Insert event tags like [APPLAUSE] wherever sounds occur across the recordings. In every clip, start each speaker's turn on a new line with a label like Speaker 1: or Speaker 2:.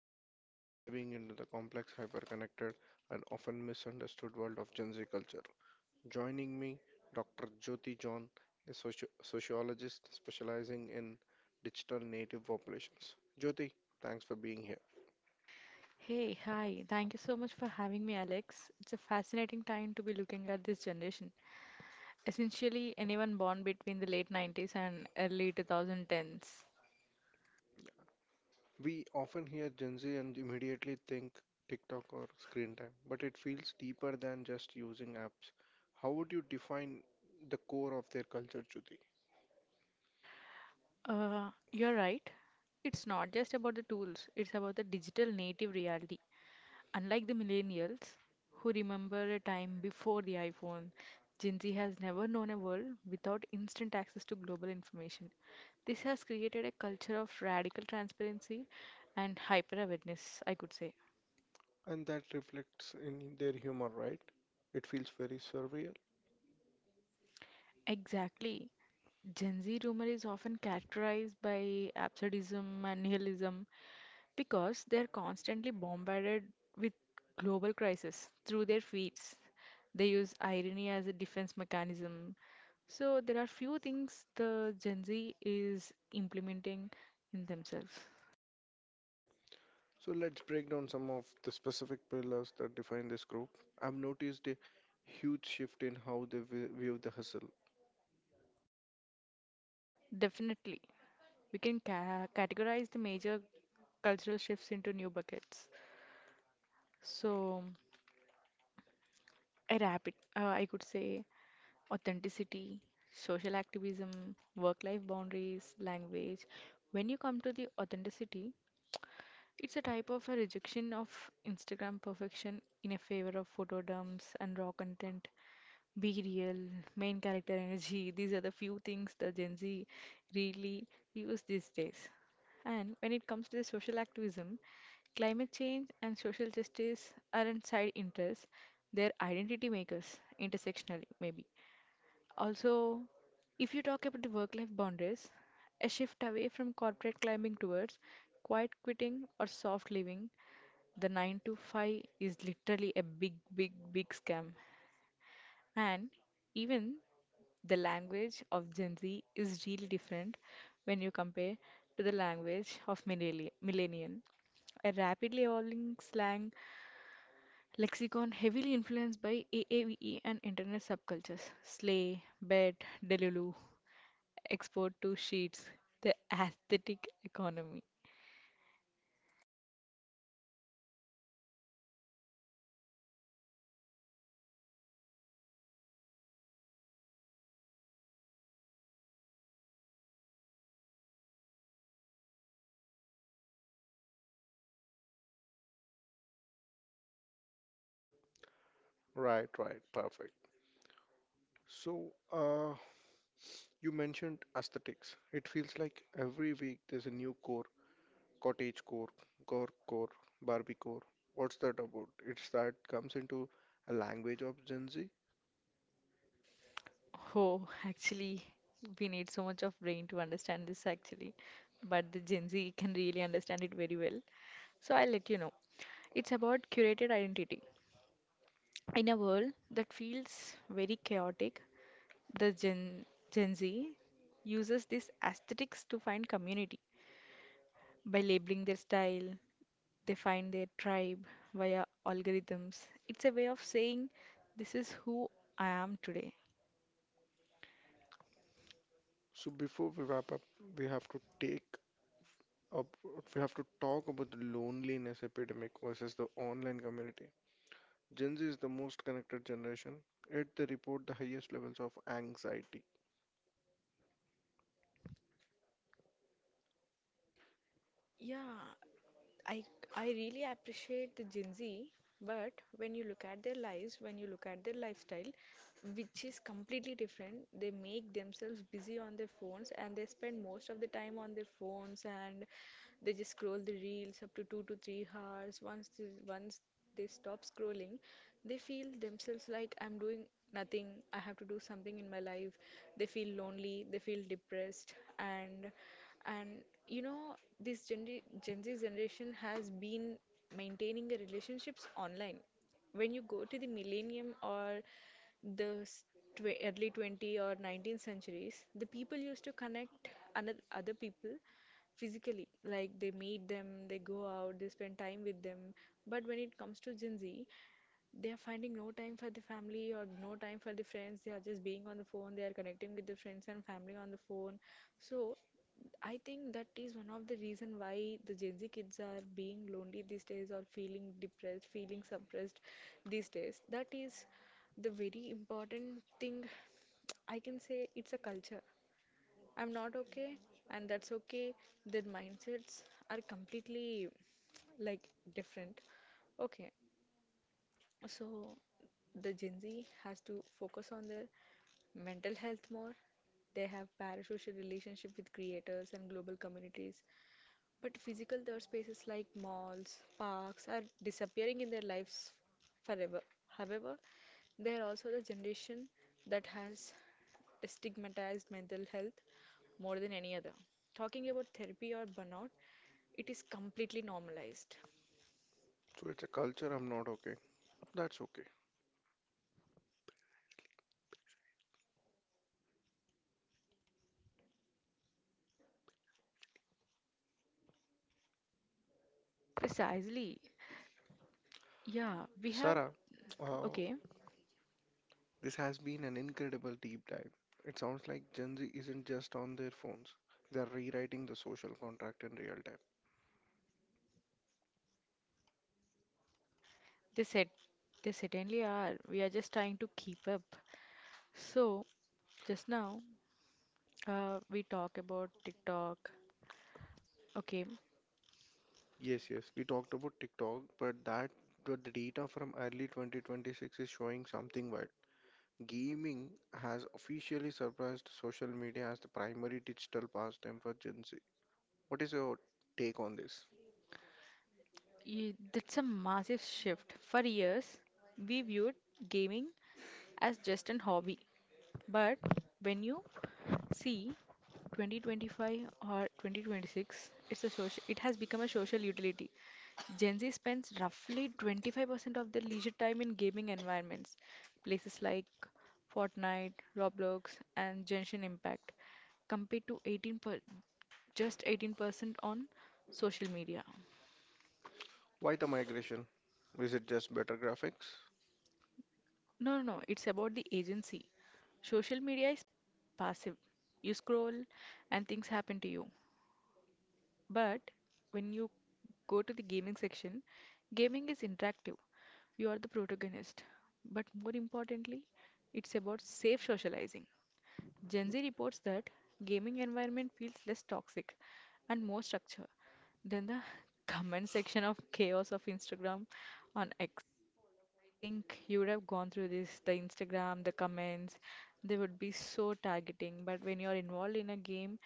Speaker 1: and today we are diving into the complex, hyper-connected, and often misunderstood world of Gen Z culture. Joining me, Dr. Jyoti John, a sociologist specializing in digital native populations. Jyoti, thanks for being here.
Speaker 2: Hey, hi. Thank you so much for having me, Alex. It's a fascinating time to be looking at this generation. Essentially, anyone born between the late 90s and early 2010s.
Speaker 1: We often hear Gen Z and immediately think TikTok or screen time, but it feels deeper than just using apps. How would you define the core of their culture, Jyoti?
Speaker 2: You're right. It's not just about the tools, it's about the digital native reality. Unlike the millennials, who remember a time before the iPhone, Gen Z has never known a world without instant access to global information. This has created a culture of radical transparency and hyper awareness, I could say.
Speaker 1: And that reflects in their humor, right? It feels very surreal.
Speaker 2: Exactly. Gen Z rumor is often characterized by absurdism and nihilism because they're constantly bombarded with global crisis through their feeds. They use irony as a defense mechanism. So there are few things the Gen Z is implementing in themselves.
Speaker 1: So let's break down some of the specific pillars that define this group. I've noticed a huge shift in how they view the hustle.
Speaker 2: Definitely, we can categorize the major cultural shifts into new buckets. So a rapid, I could say, authenticity, social activism, work life boundaries, language. When you come to the authenticity, it's a type of a rejection of Instagram perfection in a favor of photo dumps and raw content. Be real, main character energy. [LAUGHS] These are the few things the Gen Z really use these days. And when it comes to the social activism, climate change and social justice aren't side interests, they're identity makers, intersectionally, maybe. Also, if you talk about the work life boundaries, a shift away from corporate climbing towards quiet quitting or soft living, the 9 to 5 is literally a big, big, big scam. And even the language of Gen Z is really different when you compare to the language of millennial. A rapidly evolving slang lexicon heavily influenced by AAVE and internet subcultures. Slay, bet, delulu export to sheets, the aesthetic economy.
Speaker 1: Right, right, perfect. So, you mentioned aesthetics. It feels like every week there's a new core, cottage core, gore core, Barbie core. What's that about? It's that comes into a language of Gen Z.
Speaker 2: Oh, actually, we need so much of brain to understand this actually, but the Gen Z can really understand it very well. So I'll let you know. It's about curated identity. In a world that feels very chaotic, the Gen Z uses these aesthetics to find community by labeling their style. They find their tribe via algorithms. It's a way of saying, this is who I am today.
Speaker 1: So before we wrap up, we have to take up, we have to talk about the loneliness epidemic versus the online community. Gen Z is the most connected generation, yet they report the highest levels of anxiety.
Speaker 2: Yeah, I I really appreciate the Gen Z, but when you look at their lives, when you look at their lifestyle, which is completely different, they make themselves busy on their phones and they spend most of the time on their phones, and they just scroll the reels up to 2 to 3 hours. Once they stop scrolling, they feel themselves like I'm doing nothing. I have to do something in my life. They feel lonely. They feel depressed and. And you know, this Gen Z generation has been maintaining the relationships online. When you go to the millennium or the s- tw early 20th or 19th centuries, the people used to connect other people physically. Like they meet them, they go out, they spend time with them. But when it comes to Gen Z, they are finding no time for the family or no time for the friends. They are just being on the phone, they are connecting with the friends and family on the phone. So I think that is one of the reason why the Gen Z kids are being lonely these days or feeling depressed, feeling suppressed these days. That is the very important thing. I can say it's a culture. I'm not okay, and that's okay. Their mindsets are completely like different. Okay, so the Gen Z has to focus on their mental health more. They have parasocial relationship with creators and global communities. But physical third spaces like malls, parks are disappearing in their lives forever. However, they are also the generation that has stigmatized mental health more than any other. Talking about therapy or burnout, it is completely normalized.
Speaker 1: So it's a culture I'm not okay. That's okay.
Speaker 2: Precisely. Yeah, we have.
Speaker 1: Sarah, uh,
Speaker 2: Okay.
Speaker 1: this has been an incredible deep dive. It sounds like Gen Z isn't just on their phones, they're rewriting the social contract in real time.
Speaker 2: They said they certainly are. We are just trying to keep up. So just now, we talk about TikTok. Okay.
Speaker 1: Yes, yes, we talked about TikTok, but that the data from early 2026 is showing something wild. Gaming has officially surpassed social media as the primary digital pastime for Gen Z. What is your take on this?
Speaker 2: That's a massive shift. For years, we viewed gaming as just an hobby. But when you see 2025 or 2026, it has become a social utility. Gen Z spends roughly 25% of their leisure time in gaming environments, places like Fortnite, Roblox, and Genshin Impact, compared to just 18% on social media.
Speaker 1: Why the migration? Is it just better graphics?
Speaker 2: No, no, no. It's about the agency. Social media is passive. You scroll and things happen to you. But when you go to the gaming section, gaming is interactive. You are the protagonist. But more importantly, it's about safe socializing. Gen Z reports that gaming environment feels less toxic and more structured than the [LAUGHS] comment section of chaos of Instagram on X. I think you would have gone through this, the Instagram, the comments, they would be so targeting. But when you're involved in a game,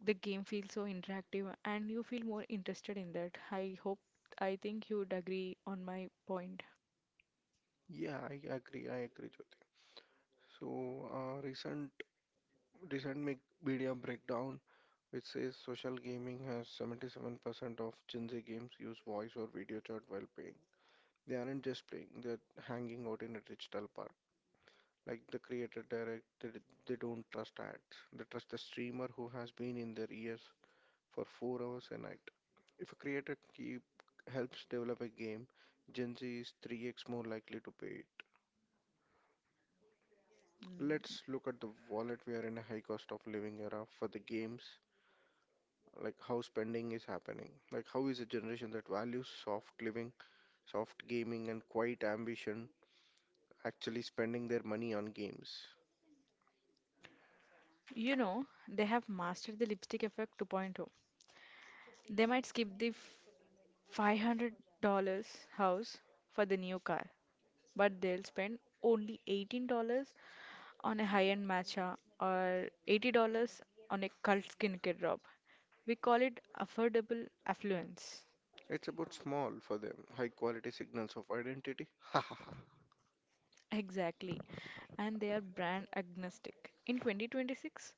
Speaker 2: the game feels so interactive and you feel more interested in that. I hope, I think you would agree on my point.
Speaker 1: Yeah, I agree. I agree, Jyoti. So, recent media breakdown, which says social gaming has 77% of Gen Z games use voice or video chat while playing. They aren't just playing, they're hanging out in a digital park. Like the creator direct, they don't trust ads. They trust the streamer who has been in their ears for 4 hours a night. If a creator keep helps develop a game, Gen Z is 3x more likely to pay it.
Speaker 2: Yes,
Speaker 1: Let's look at the wallet. We are in a high cost of living era for the games, like how spending is happening. Like how is a generation that values soft living, soft gaming and quiet ambition actually spending their money on games?
Speaker 2: you know, they have mastered the lipstick effect 2.0. They might skip the $500 house for the new car, but they'll spend only $18 on a high-end matcha or $80 on a cult skincare drop. We call it affordable affluence.
Speaker 1: It's about small for them, high quality signals of identity.
Speaker 2: Exactly. And they are brand agnostic. In 2026,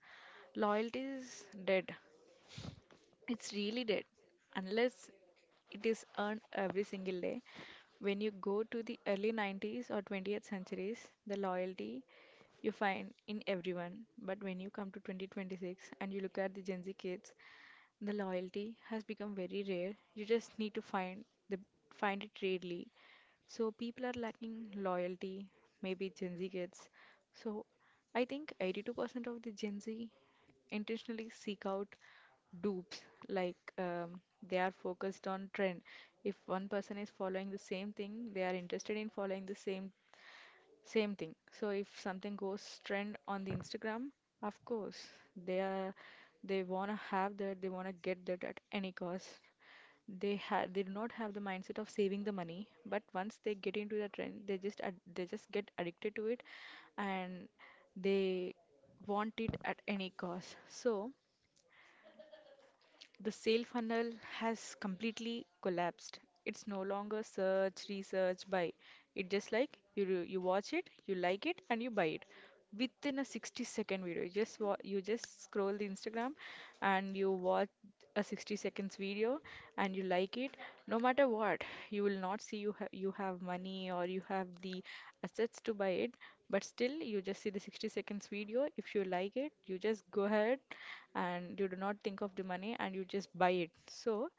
Speaker 2: loyalty is dead. It's really dead. Unless it is earned every single day. When you go to the early 90s or 20th centuries, the loyalty you find in everyone. But when you come to 2026 and you look at the Gen Z kids, the loyalty has become very rare. You just need to find the find it rarely. So people are lacking loyalty, maybe Gen Z kids. So I think 82% of the Gen Z intentionally seek out dupes like they are focused on trend. If one person is following the same thing, they are interested in following the same thing. So if something goes trend on the Instagram, of course, they are they wanna have that, they wanna get that at any cost. They do not have the mindset of saving the money, but once they get into the trend, they just get addicted to it and they want it at any cost. So the sale funnel has completely collapsed. It's no longer search, research, buy. It just like you you watch it, you like it, and you buy it within a 60-second video. You just scroll the Instagram and you watch a 60 seconds video and you like it. No matter what, you will not see you you have money or you have the assets to buy it, but still you just see the 60 seconds video. If you like it, you just go ahead and you do not think of the money and you just buy it. So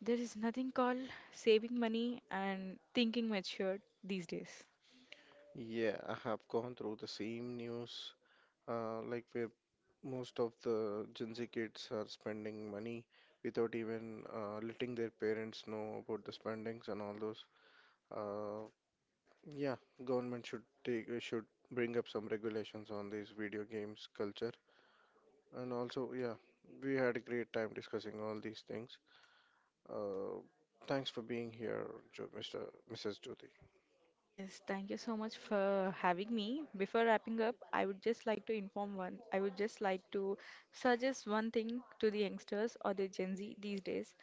Speaker 2: there is nothing called saving money and thinking matured these days.
Speaker 1: Yeah, I have gone through the same news, like where most of the Gen Z kids are spending money without even letting their parents know about the spendings and all those. Uh, yeah, government should take should bring up some regulations on these video games culture. And also, yeah, we had a great time discussing all these things. Uh, thanks for being here, Mr. Mrs. Jyoti.
Speaker 2: Yes, thank you so much for having me. Before wrapping up, I would just like to suggest one thing to the youngsters or the Gen Z these days.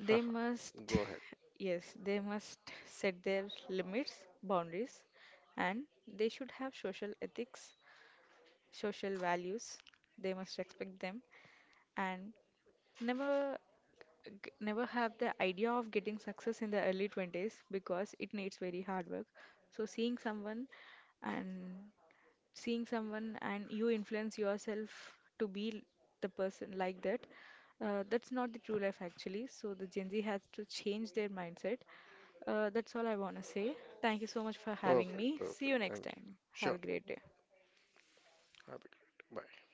Speaker 1: [LAUGHS] Haha.
Speaker 2: must,
Speaker 1: Go ahead.
Speaker 2: [LAUGHS] yes, they must set their limits, boundaries, and they should have social ethics, social values. They must respect them, and never never have the idea of getting success in the early 20s, because it needs very hard work. So and seeing someone and you influence yourself to be the person like that. That's not the true life actually. So the Gen Z has to change their mindset. That's all I want to say. Thank you so much for having me.
Speaker 1: Perfect.
Speaker 2: See you
Speaker 1: Perfect. Thank
Speaker 2: next
Speaker 1: you.
Speaker 2: time. Have
Speaker 1: Sure.
Speaker 2: a great day.
Speaker 1: Have a great day. Bye.